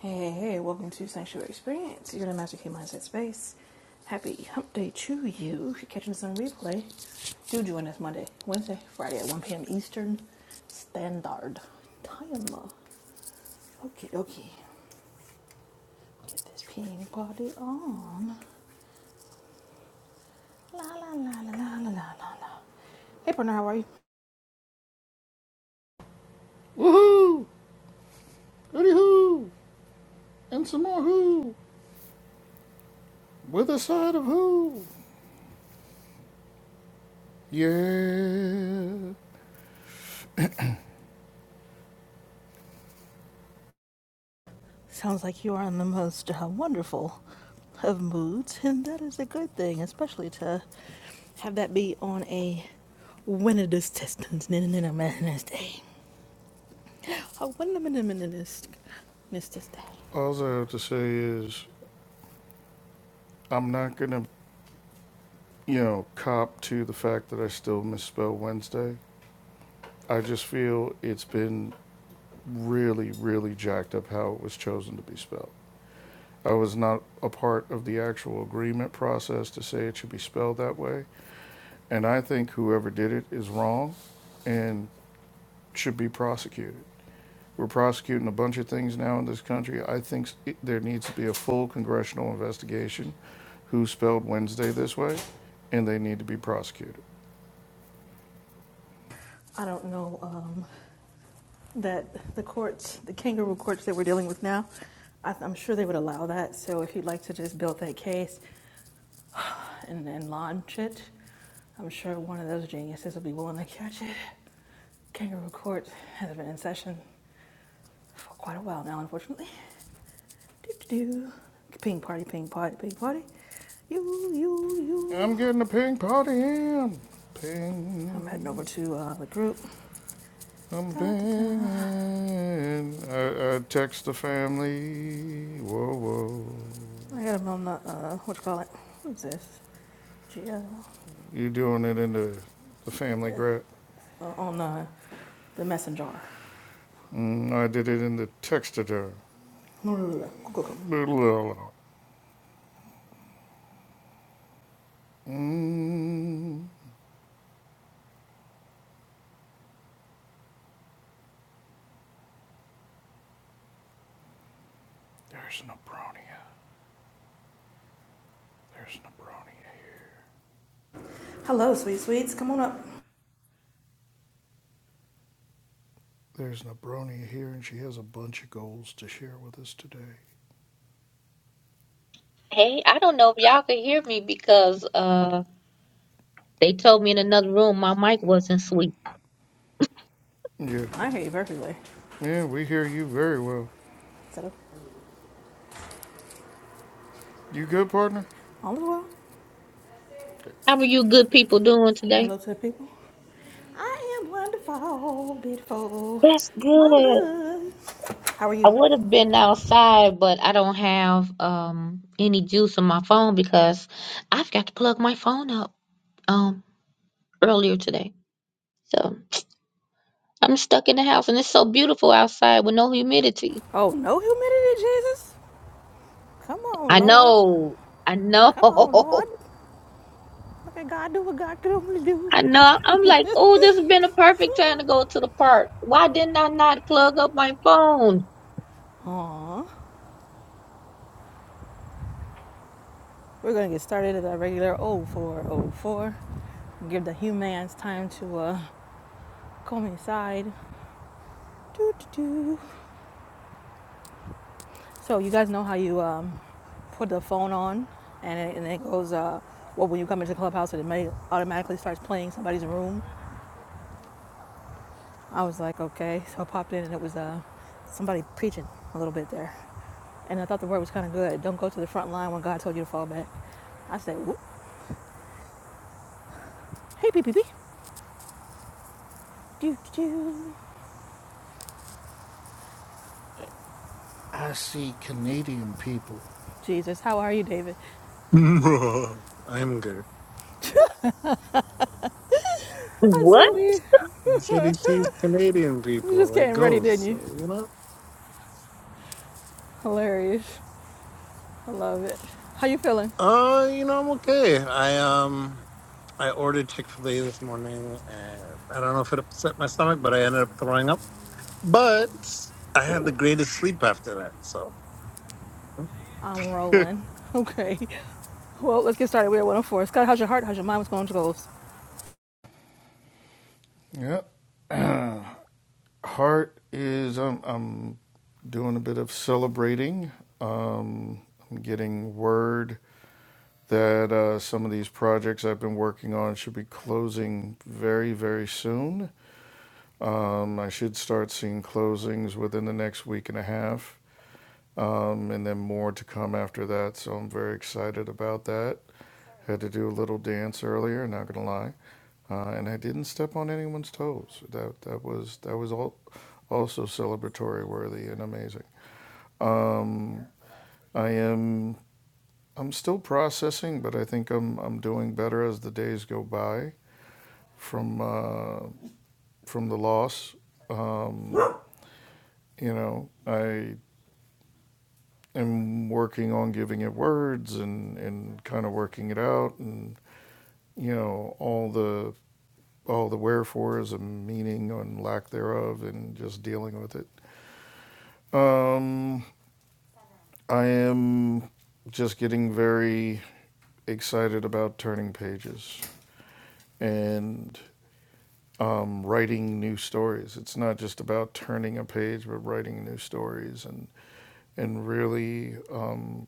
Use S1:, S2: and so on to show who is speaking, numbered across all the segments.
S1: Hey, hey, hey, welcome to Sanctuary Experience. You're in a Master Key Mindset Space. Happy Hump Day to you. If you're catching this on replay, do join us Monday, Wednesday, Friday at 1 p.m. Eastern Standard Time. Okay, okay. Get this ping party on. La la la la la la la la la. Hey, partner, how are you?
S2: Woohoo! Hooty hoo! And some more hoo! With a side of hoo! Yeah!
S1: Sounds like you are in the most uh, wonderful of moods, and that is a good thing, especially to have that be on a Winnidus Testance Day.
S2: All I have to say is, I'm not gonna, you know, cop to the fact that I still misspell Wednesday. I just feel it's been really, really jacked up how it was chosen to be spelled. I was not a part of the actual agreement process to say it should be spelled that way. And I think whoever did it is wrong and should be prosecuted. We're prosecuting a bunch of things now in this country. I think there needs to be a full congressional investigation who spelled Wednesday this way, and they need to be prosecuted.
S1: I don't know um, that the courts, the kangaroo courts that we're dealing with now, I, I'm sure they would allow that. So if you'd like to just build that case and, and launch it, I'm sure one of those geniuses will be willing to catch it. Kangaroo court has been in session. for quite a while now, unfortunately. Do-do-do. Ping party, ping party, ping party. You, you, you.
S2: I'm getting a ping party in.
S1: I'm heading over
S2: Ping.
S1: to uh, the group.
S2: I'm
S1: Da, da, da.
S2: pinging. I, I text the family. Whoa, whoa.
S1: I got them on the, uh, what you call it? What is this? GL.
S2: You doing it in the, the family grab?
S1: Uh, on uh, the messenger.
S2: Mm, I did it in the textader. Boodle-oodle. Mm, there's no brony There's Nebronia here.
S1: Hello, sweet sweets. Come on up.
S2: There's Nebronia here, and she has a bunch of goals to share with us today.
S3: Hey, I don't know if y'all could hear me because uh they told me in another room my mic wasn't sweet.
S2: Yeah,
S1: I hear you perfectly.
S2: yeah, we hear you very well.
S1: Settle.
S2: You good, partner?
S1: All the well.
S3: How are you good people doing
S1: Say
S3: today?
S1: hello to the people. I am wonderful, beautiful,
S3: That's good.
S1: marvelous. How are you?
S3: I would have been outside, but I don't have um any juice on my phone because I've got to plug my phone up um earlier today. So I'm stuck in the house and it's so beautiful outside with no humidity.
S1: Oh, no humidity, Jesus. Come on,
S3: I
S1: Lord.
S3: know. I know.
S1: Come on, Lord. Look at God do what God can only do.
S3: I know. I'm like, oh, this has been a perfect time to go to the park. Why didn't I not plug up my phone?
S1: Aw. We're going to get started at our regular 0404. Give the humans time to uh, come inside. Doo, doo, doo. So, you guys know how you um, put the phone on and it, and it goes, uh, well, when you come into the clubhouse, it may automatically starts playing somebody's room. I was like, okay. So, I popped in and it was uh, somebody preaching a little bit there. And I thought the word was kind of good. Don't go to the front line when God told you to fall back. I said, "Whoop. hey, PPP. Do, do.
S2: I see Canadian people.
S1: Jesus, how are you, David?
S4: I'm good.
S1: I
S3: What?
S1: said, we,
S4: So he sees Canadian
S1: You
S4: people
S1: just
S4: like
S1: getting ready, didn't
S4: ghosts.
S1: you?
S4: So, you know,
S1: Hilarious. I love it. How you feeling?
S4: uh, you know, I'm okay. I um, I ordered Chick Fil A this morning, and I don't know if it upset my stomach, but I ended up throwing up. But I had the
S1: Ooh,
S4: greatest sleep after that. So.
S1: I'm rolling. Okay. Well, let's get started. We're at 104. Scott, how's your heart? How's your mind? What's going on with your goals?
S2: Yep. Uh, Heart is I'm I'm doing a bit of celebrating. Um, I'm getting word that uh, some of these projects I've been working on should be closing very very soon. Um, I should start seeing closings within the next week and a half, um, and then more to come after that. So I'm very excited about that. Had to do a little dance earlier, not gonna lie, uh, and I didn't step on anyone's toes. That that was that was all also celebratory worthy and amazing. I am I'm still processing, but I think I'm I'm doing better as the days go by from uh, from the loss. You know, I and working on giving it words and, and kind of working it out and you know all the all the wherefores and meaning and lack thereof and just dealing with it. Um, I am just getting very excited about turning pages and um, writing new stories. It's not just about turning a page, but writing new stories and and really um,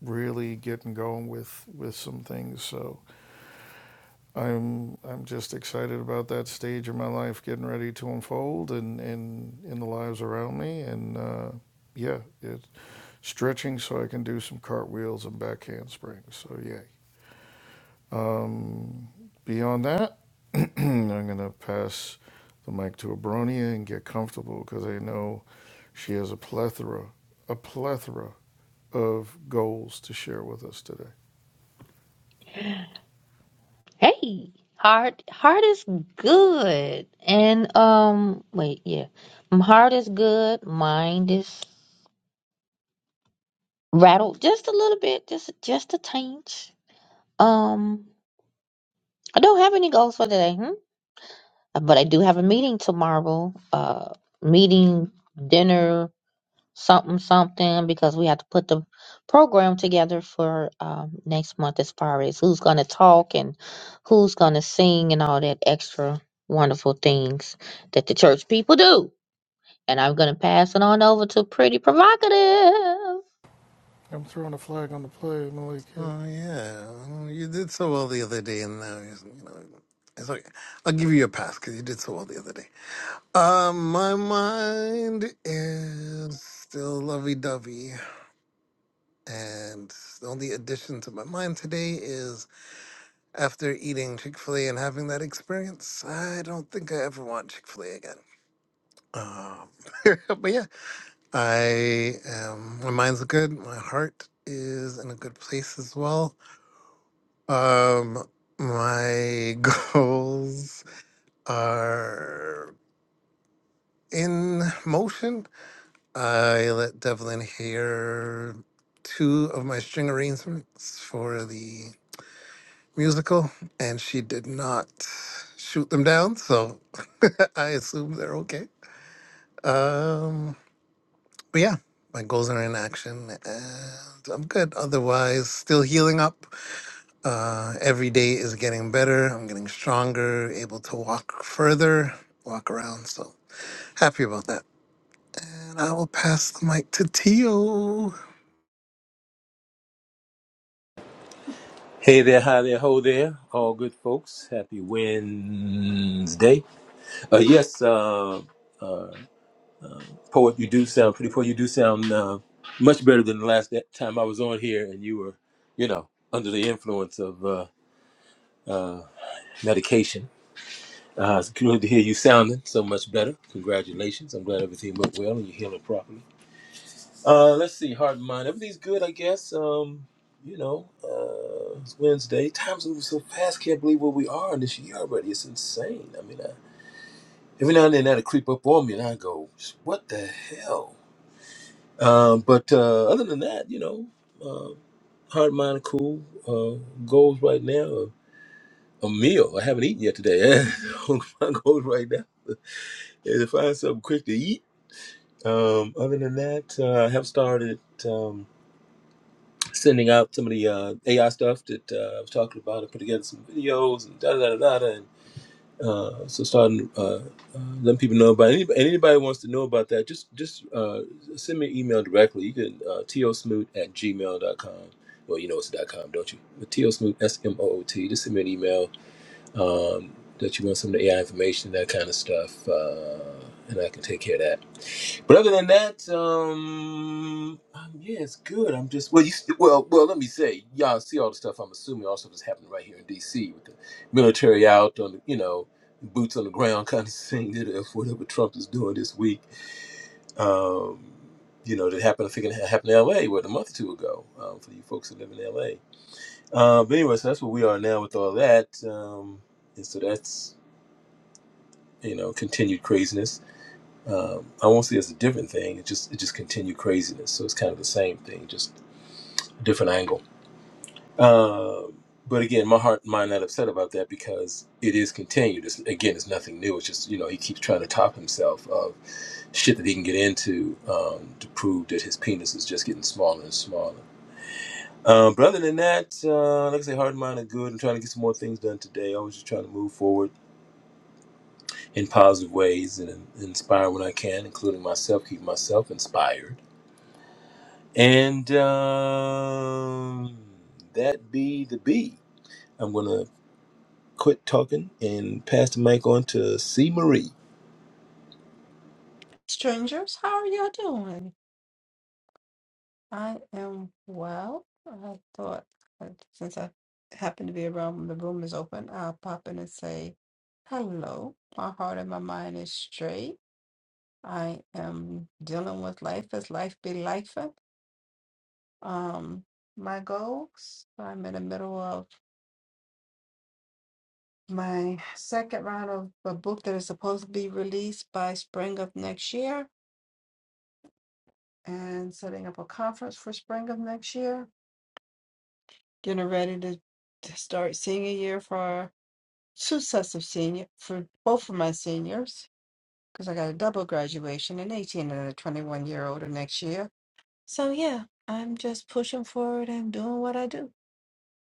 S2: really getting going with with some things. So I'm I'm just excited about that stage of my life getting ready to unfold and in in the lives around me and uh, yeah, it's stretching so I can do some cartwheels and back handsprings. So yay. Um, beyond that, I'm gonna pass the mic to Abronia and get comfortable because I know she has a plethora, a plethora of goals to share with us today.
S3: Hey, heart, heart is good. And um, wait, yeah, my heart is good. Mind is rattled just a little bit, just just a tinge. Um, I don't have any goals for today, hmm? but I do have a meeting tomorrow. Uh, meeting dinner something something because we have to put the program together for um, next month as far as who's going to talk and who's going to sing and all that extra wonderful things that the church people do. And I'm going to pass it on over to Pretty Provocative.
S2: I'm throwing a flag on the play, Malika.
S4: Oh yeah, Oh, you did so well the other day, and now you know. It's okay. I'll give you a pass because you did so well the other day. Um, my mind is still lovey-dovey. And the only addition to my mind today is after eating Chick fil A and having that experience, I don't think I ever want Chick fil A again. Um, but yeah, I am, my mind's good. My heart is in a good place as well. Um, my goals are in motion. I let Devlin hear two of my string arrangements for the musical, and she did not shoot them down. So I assume they're okay. Um, but yeah, my goals are in action, and I'm good. Otherwise, still healing up. Uh, every day is getting better. I'm getting stronger, able to walk further, walk around. So happy about that. And I will pass the mic to Tio.
S5: Hey there, hi there, ho there, all good folks. Happy Wednesday. Uh, yes, uh, poet, you do sound pretty poet. You do sound uh, much better than the last that time I was on here, and you were, you know, under the influence of uh, uh, medication. Uh, it's good to hear you sounding so much better. Congratulations! I'm glad everything went well and you're healing properly. Uh, let's see, heart and mind. Everything's good, I guess. Um, you know, uh, it's Wednesday. Time's moving so fast. Can't believe where we are in this year already. It's insane. I mean, I, every now and then that'll creep up on me, and I go, "What the hell?" Um, but uh, other than that, you know, uh, heart and mind are cool. Uh, goals right now. are A meal. I haven't eaten yet today. So My goals right now is to find something quick to eat. Um, other than that, uh, I have started. Um, sending out some of the uh, AI stuff that uh, I was talking about. I put together some videos and da da da da. And uh, so starting uh, uh, letting people know about anybody. Anybody wants to know about that, just just uh, send me an email directly. You can uh, tosmoot at gmail dot com. Well, you know it's dot .com, don't you? But tosmoot, S-M-O-O-T. Just send me an email um, that you want some of the AI information, that kind of stuff. Uh, and I can take care of that. But other than that, um, um yeah, it's good. I'm just well, you st- well, well. Let me say, y'all see all the stuff. I'm assuming all the stuff is happening right here in D.C. with the military out on the, you know, boots on the ground kind of thing. That if whatever Trump is doing this week, um, you know, that happened. I think it happened in L.A. what a month or two ago. Um, for you folks that live in L.A. Uh, but anyway, so that's where we are now with all that. Um, and so that's you know continued craziness. Um, I won't say it's a different thing. It just it just continued craziness. So it's kind of the same thing, just a different angle. Um, but again, my heart and mind not upset about that because it is continued. It's, again, it's nothing new. It's just you know he keeps trying to top himself of shit that he can get into um, to prove that his penis is just getting smaller and smaller. Um, but other than that, uh, like I say, heart and mind are good. I'm trying to get some more things done today. Always just trying to move forward in positive ways and in- inspire when I can, including myself, keep myself inspired And um, that be the B. I'm going to quit talking and pass the mic on to C. Marie.
S6: Strangers, how are y'all doing? I am well. I thought uh, since I happen to be around when the room is open, I'll pop in and say hello. My heart and my mind is straight. I am dealing with life as life be life. Um, my goals. I'm in the middle of my second round of a book that is supposed to be released by spring of next year and setting up a conference for spring of next year getting ready to, to start senior year for two sets of senior for both of my seniors because I got a double graduation, an 18 and a 21 year older next year. So yeah, I'm just pushing forward and doing what I do,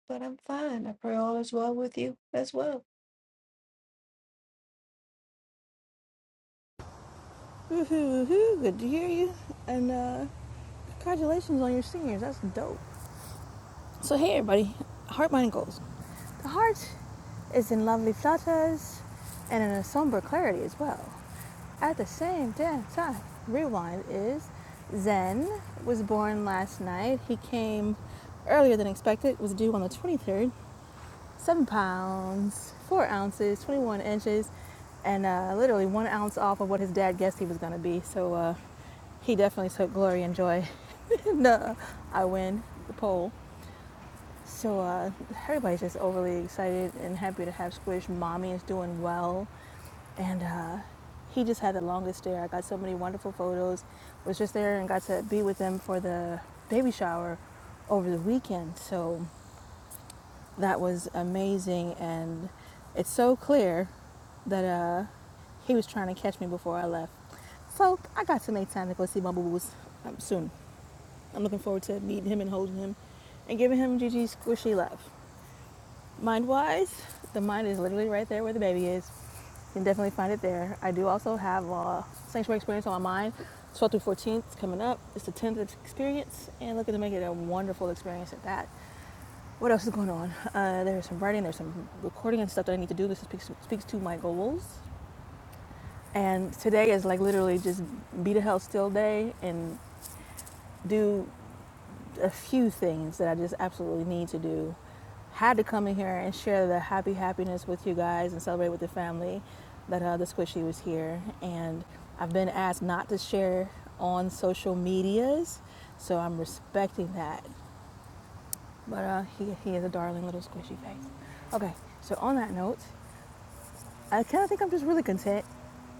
S6: but I'm fine. I pray all is well with you as well.
S1: Woohoo, woohoo. Good to hear you. And uh, congratulations on your seniors. That's dope. So, hey, everybody. Heart, mind, and goals. The heart is in lovely flutters and in a somber clarity as well. At the same damn time, rewind is Zen was born last night. He came earlier than expected, was due on the 23rd. Seven pounds, four ounces, 21 inches, and uh, literally one ounce off of what his dad guessed he was going to be. So uh, he definitely took glory and joy. no, I win the poll. So uh, everybody's just overly excited and happy to have Squish. Mommy is doing well, and uh, he just had the longest day. I got so many wonderful photos. Was just there and got to be with them for the baby shower over the weekend. So that was amazing, and it's so clear that uh, he was trying to catch me before I left. So I got to make time to go see my boo boos um, soon. I'm looking forward to meeting him and holding him and giving him Gigi's squishy love. Mind wise, the mind is literally right there where the baby is. You can definitely find it there. I do also have a sanctuary experience on my mind. 12 through 14th coming up. It's the 10th experience, and looking to make it a wonderful experience at that. What else is going on? Uh, there's some writing, there's some recording and stuff that I need to do. This speaks, speaks to my goals. And today is like literally just be the hell still day and do. a few things that I just absolutely need to do. Had to come in here and share the happy happiness with you guys and celebrate with the family that uh, the squishy was here. And I've been asked not to share on social medias, so I'm respecting that. But uh, he, he is a darling little squishy face. Okay, so on that note, I kind of think I'm just really content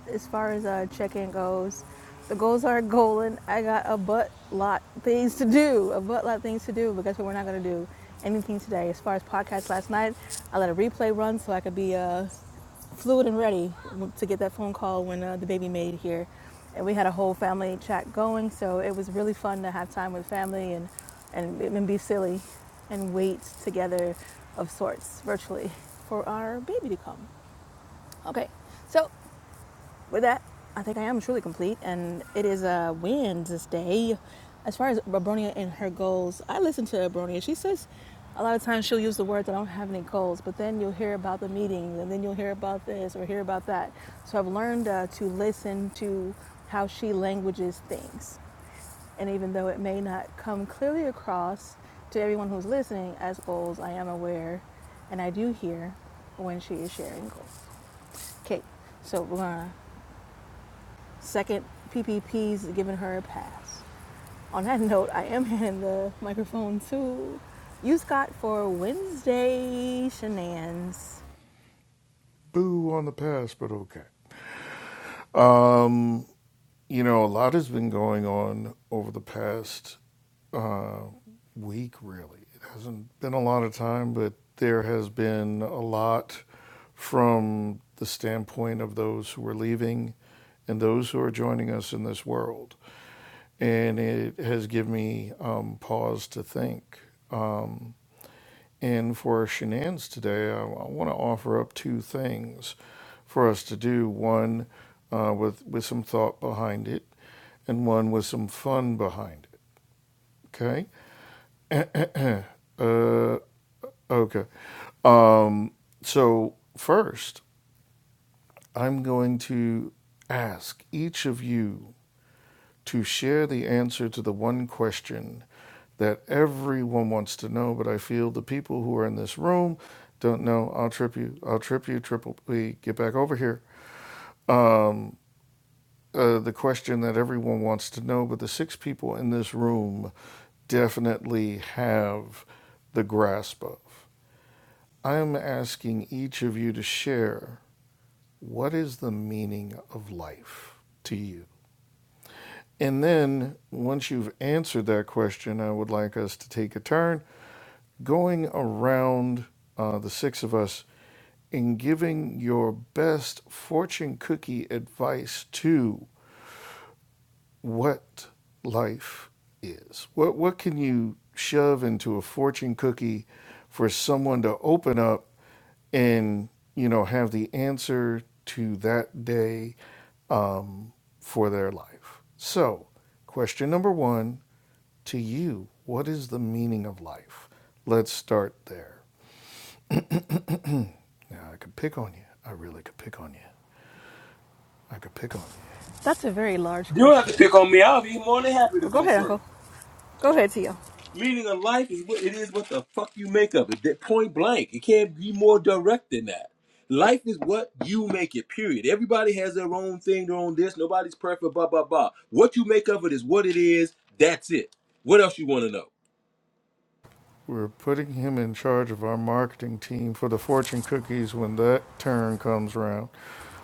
S1: as far as uh, check-in goes. The goals are golden. I got a butt lot things to do, a butt lot things to do, but guess what? We're not gonna do anything today. As far as podcast last night, I let a replay run so I could be uh, fluid and ready to get that phone call when uh, the baby made here. And we had a whole family chat going, so it was really fun to have time with family and, and, and be silly and wait together of sorts virtually for our baby to come. Okay, so with that, I think I am truly complete, and it is a Wednesday. As far as Abronia and her goals, I listen to Abronia. She says a lot of times she'll use the words, I don't have any goals, but then you'll hear about the meetings, and then you'll hear about this or hear about that. So I've learned uh, to listen to how she languages things. And even though it may not come clearly across to everyone who's listening as goals, I am aware and I do hear when she is sharing goals. Okay, so we're gonna second PPP's giving her a pass. On that note, I am handing the microphone to you, Scott, for Wednesday shenanigans.
S2: Boo on the pass, but okay. Um, you know, a lot has been going on over the past uh, week, really. It hasn't been a lot of time, but there has been a lot from the standpoint of those who are leaving and those who are joining us in this world. And it has given me um, pause to think. Um, and for our shenanigans today, I, I want to offer up two things for us to do one uh, with, with some thought behind it, and one with some fun behind it. Okay? uh, okay. Um, so, first, I'm going to ask each of you to share the answer to the one question that everyone wants to know, but I feel the people who are in this room don't know. I'll trip you. I'll trip you. Triple P, get back over here. Uh, the question that everyone wants to know, but the six people in this room definitely have the grasp of. I am asking each of you to share what is the meaning of life to you? And then once you've answered that question, I would like us to take a turn going around uh, the six of us and giving your best fortune cookie advice to what life is. What what can you shove into a fortune cookie for someone to open up and you know have the answer to that day um, for their life? So, question number one to you: What is the meaning of life? Let's start there. Now, I could pick on you. I really could pick on you. I could pick on you.
S1: That's a very large
S5: You don't have to
S1: question.
S5: pick on me. I'll be more than happy to
S1: Oh, go
S5: go
S1: ahead, Uncle.
S5: first.
S1: Go ahead, Tio.
S5: Meaning of life is what it is what the fuck you make of it. That point blank. It can't be more direct than that. Life is what you make it, period. Everybody has their own thing, their own this. Nobody's perfect, blah, blah, blah. What you make of it is what it is. That's it. What else you want to know?
S2: We're putting him in charge of our marketing team for the fortune cookies when that turn comes around.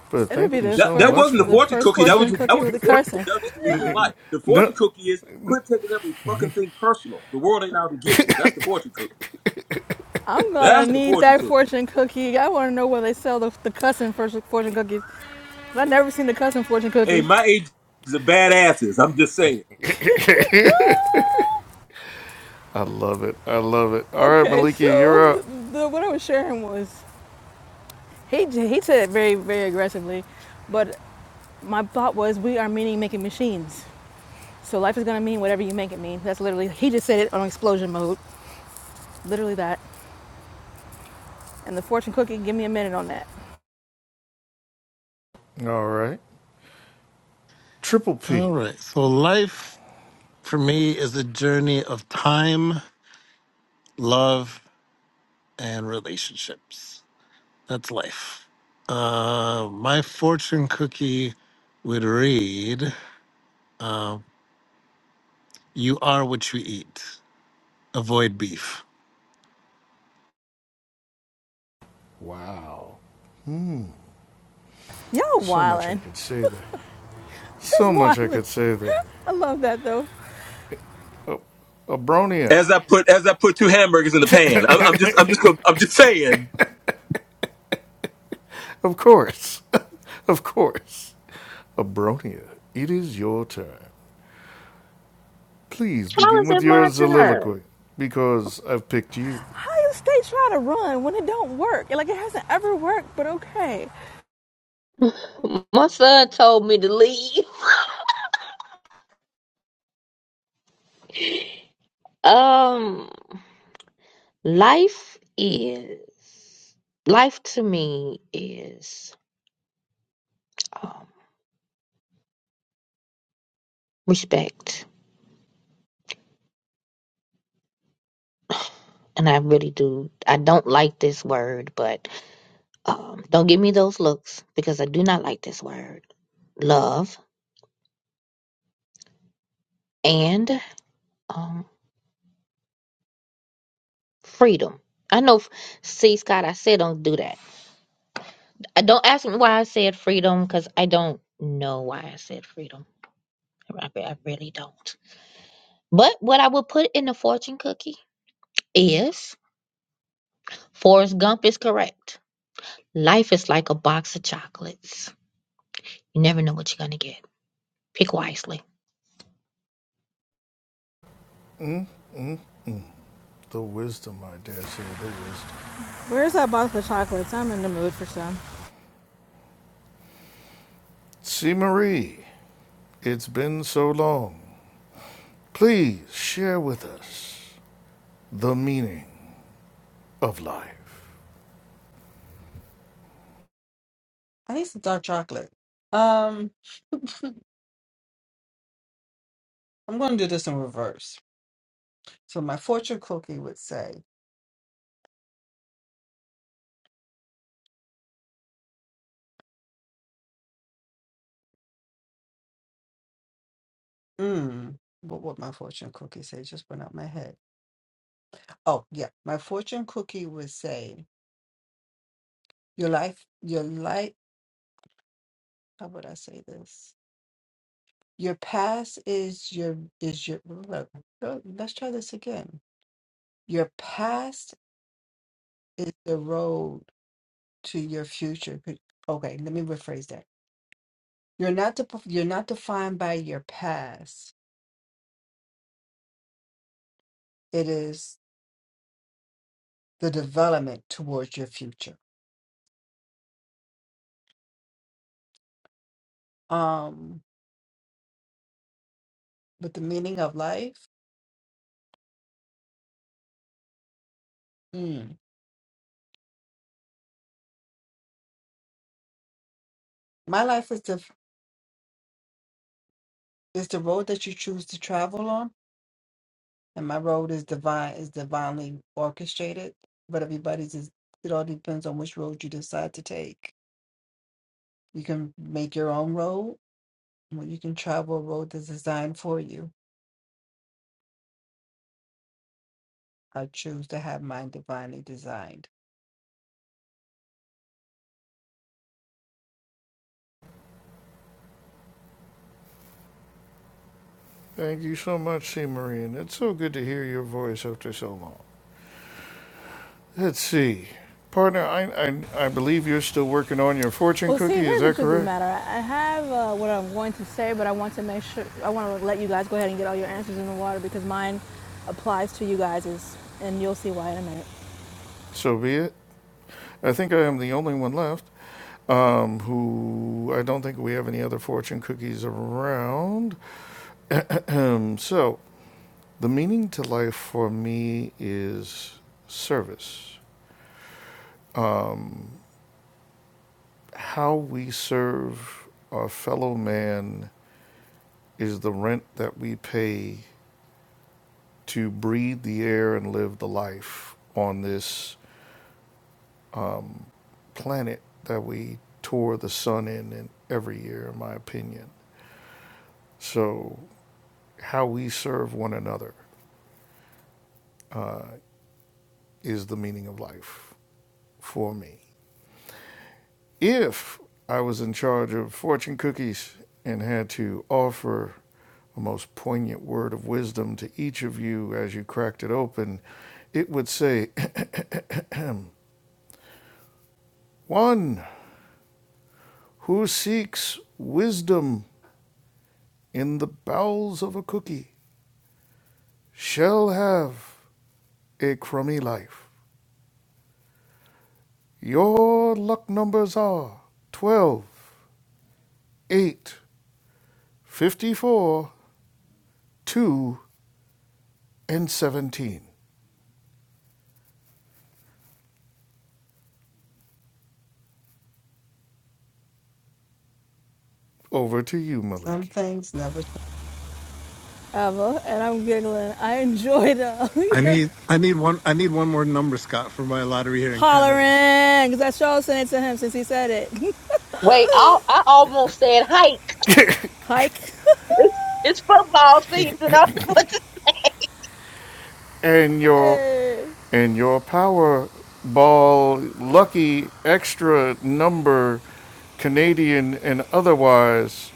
S2: But
S1: It'll be
S2: thank you
S1: the
S5: That
S2: so
S5: that
S2: much
S5: wasn't the
S1: first,
S2: for
S1: the
S5: fortune
S2: that.
S1: first
S5: cookie. That was
S1: fortune
S5: just, that
S1: cookie
S5: wasn't
S1: with
S5: the
S1: the
S5: fortune cookie.
S1: cursing.
S5: That was just the meaning of life. The fortune
S2: No,
S5: cookie is quit taking every fucking thing personal. The world ain't out to get you. That's the fortune cookie.
S1: I'm gonna
S5: That's the
S1: need
S5: fortune
S1: that
S5: cookie.
S1: fortune cookie. I want to know where they sell the, the cussing first fortune cookies. 'Cause I've never seen the cussing fortune
S5: Hey,
S1: cookies.
S5: my age is a badasses. I'm just saying.
S2: I love it. I love it. All right,
S1: Okay,
S2: Malika,
S1: so
S2: you're up.
S1: the, what I was sharing was he he said it very very aggressively, but My thought was, we are meaning making machines. So life is going to mean whatever you make it mean. That's literally, he just said it on explosion mode. Literally that. And the fortune cookie, give me a minute on that.
S2: All right. Triple
S4: All
S2: P.
S4: right. So life for me is a journey of time, love, and relationships. That's life. Uh, my fortune cookie would read, uh, "You are what you eat. Avoid beef."
S2: Wow.
S1: Y'all
S2: So much I
S1: wildin'.
S2: could say there.
S1: Just
S2: So much I
S1: wildin'.
S2: could say there.
S1: I love that though.
S2: Abronia.
S5: As I put as I put two hamburgers in the pan. I'm, I'm just I'm just gonna- I'm just saying.
S2: Of course. of course. Abronia, it is your turn. Please
S3: How is
S2: begin with
S3: it my
S2: your
S3: turn?
S2: soliloquy, because I've picked you.
S1: How you stay trying to run when it don't work? Like it hasn't ever worked, but okay.
S3: My son told me to leave. Um, life is life to me is um, respect. and I really do. I don't like this word, but um, don't give me those looks because I do not like this word. Love and um, freedom. I know. f- See, Scott, I said don't do that. I don't ask me why I said freedom because I don't know why I said freedom. I, re- I really don't. But what I would put in the fortune cookie is Forrest Gump is correct. Life is like a box of chocolates. You never know what you're gonna get. Pick wisely.
S2: The wisdom, I dare say, the wisdom.
S1: Where's that box of chocolates? I'm in the mood for some.
S2: See, Marie, it's been so long. Please share with us the meaning of life.
S6: I need some dark chocolate. Um, I'm going to do this in reverse. So my fortune cookie would say, mm, what would my fortune cookie say? Just went out my head. Oh yeah, my fortune cookie would say. Your life, your life, how would I say this? Your past is your is your look, look, let's try this again. Your past is the road to your future. Could- Okay, let me rephrase that. You're not de- you're not defined by your past. It is the development towards your future. Um, but the meaning of life, mm, my life is the is the road that you choose to travel on and my road is divine is divinely orchestrated but everybody's is it all depends on which road you decide to take you can make your own road or you can travel a road that's designed for you i choose to have mine divinely designed
S2: Thank you so much, C. Marie, and it's so good to hear your voice after so long. Let's see. Partner, I, I, I believe you're still working on your fortune
S1: Well, see,
S2: cookie, is
S1: here's the
S2: that
S1: truth of the
S2: correct?
S1: matter. I have uh, what I'm going to say, but I want to make sure, I want to let you guys go ahead and get all your answers in the water because mine applies to you guys, and you'll see why in a minute.
S2: So be it. I think I am the only one left. um, who I don't think we have any other fortune cookies around. Um, so, the meaning to life for me is service. How we serve our fellow man is the rent that we pay to breathe the air and live the life on this planet that we tour the sun in, in every year, in my opinion. So, how we serve one another is the meaning of life for me. If I was in charge of fortune cookies and had to offer a most poignant word of wisdom to each of you as you cracked it open, it would say, One who seeks wisdom in the bowels of a cookie shall have a crummy life. Your luck numbers are twelve, eight, fifty-four, 2, and 17. Over to you,
S6: some
S2: Maliki.
S6: things never
S1: Ava, and I'm giggling. I enjoyed uh,
S4: I
S1: your
S4: need I need one I need one more number, Scott, for my lottery here in Canada.
S1: hollering because I sure sent it to him since he said it.
S3: Wait, I I almost said hike.
S1: Hike.
S3: It's, it's football season. I what
S2: and your
S1: hey.
S2: and your Powerball lucky extra number, Canadian and otherwise,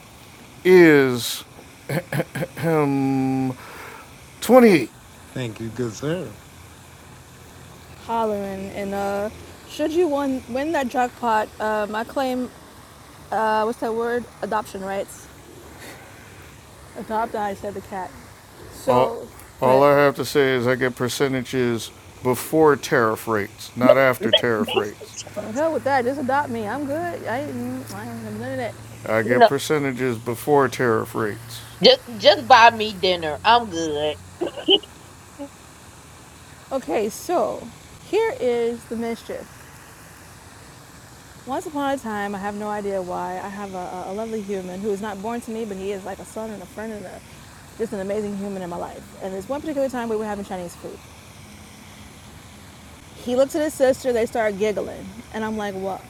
S2: is um, twenty.
S4: Thank you, good sir.
S1: Hollering. And uh, should you win, win that jackpot, um, I claim, uh, what's that word? Adoption rights. Adopt, I said the cat.
S2: All,
S1: So, go
S2: all
S1: ahead.
S2: I have to say is I get percentages before tariff rates, not after tariff rates.
S1: Well, hell with that. Just adopt me. I'm good. I, I don't have none of that.
S2: I
S3: You
S2: get
S3: know,
S2: percentages before tariff rates.
S3: just just buy me dinner. I'm good.
S1: Okay, so here is the mischief. Once upon a time, I have no idea why, I have a, a lovely human who is not born to me, but he is like a son and a friend and a, just an amazing human in my life. And there's one particular time we were having Chinese food. He looked at his sister, they started giggling, and I'm like, what?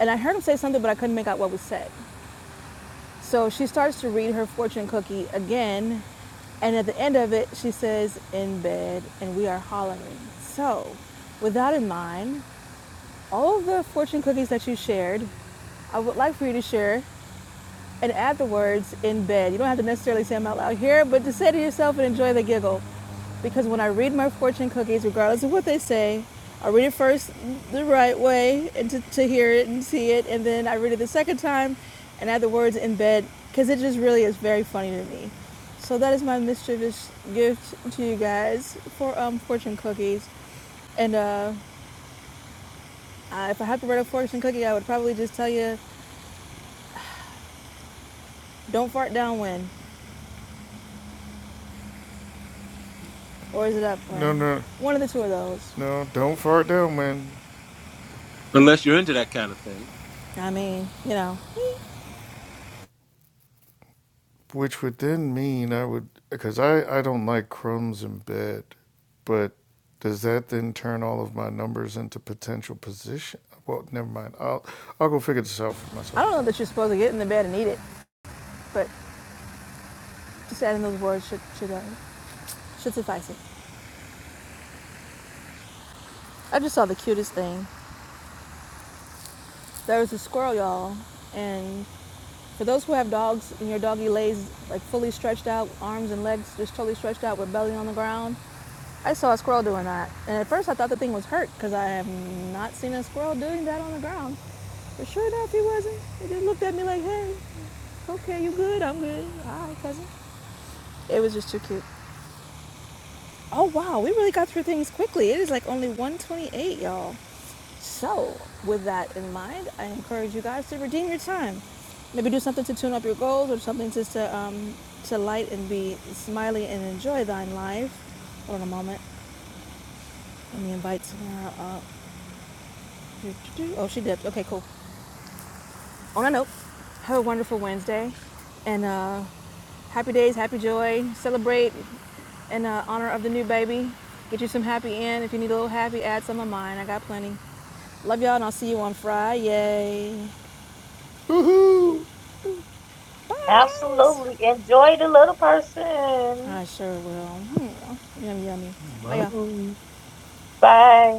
S1: And I heard him say something, but I couldn't make out what was said. So she starts to read her fortune cookie again, and at the end of it, she says, In bed, and we are hollering. So, with that in mind, all of the fortune cookies that you shared, I would like for you to share and add the words in bed. You don't have to necessarily say them out loud here, but to say to yourself and enjoy the giggle. Because when I read my fortune cookies, regardless of what they say, I read it first the right way and to, to hear it and see it, and then I read it the second time and add the words in bed because it just really is very funny to me. So that is my mischievous gift to you guys for um, fortune cookies. And uh, I, if I had to write a fortune cookie, I would probably just tell you, don't fart downwind. Or is it up
S2: No,
S1: when?
S2: no,
S1: One of the two of those.
S2: no! Don't fart down, man.
S5: Unless you're into that kind of thing.
S1: I mean, you know,
S2: which would then mean I would because I I don't like crumbs in bed, but does that then turn all of my numbers into potential position? Well, never mind. I'll I'll go figure this out for
S1: I
S2: myself.
S1: don't know that you're supposed to get in the bed and eat it, but just adding those words should should uh, should suffice it. I just saw the cutest thing. There was a squirrel, y'all, and for those who have dogs and your doggy lays like fully stretched out, arms and legs just totally stretched out with belly on the ground, I saw a squirrel doing that. And at first I thought the thing was hurt because I have not seen a squirrel doing that on the ground. But sure enough, he wasn't. He just looked at me like, hey. Okay, you good? I'm good. All right, cousin. It was just too cute. Oh wow, we really got through things quickly. It is like only 128, y'all. So, with that in mind, I encourage you guys to redeem your time. Maybe do something to tune up your goals or something just to, um, to light and be smiley and enjoy thine life. Hold on a moment. Let me invite Samara up. Oh, she dipped. Okay, cool. On that note, have a wonderful Wednesday and uh, happy days, happy joy. Celebrate in uh, honor of the new baby. Get you some happy in. If you need a little happy, add some of mine. I got plenty. Love y'all, and I'll see you on Friday.
S2: Woohoo!
S1: Bye.
S3: Absolutely. Enjoy the little person.
S1: I sure will. Hmm. Yummy, yummy. Bye, y'all.
S4: Bravo.
S3: Bye.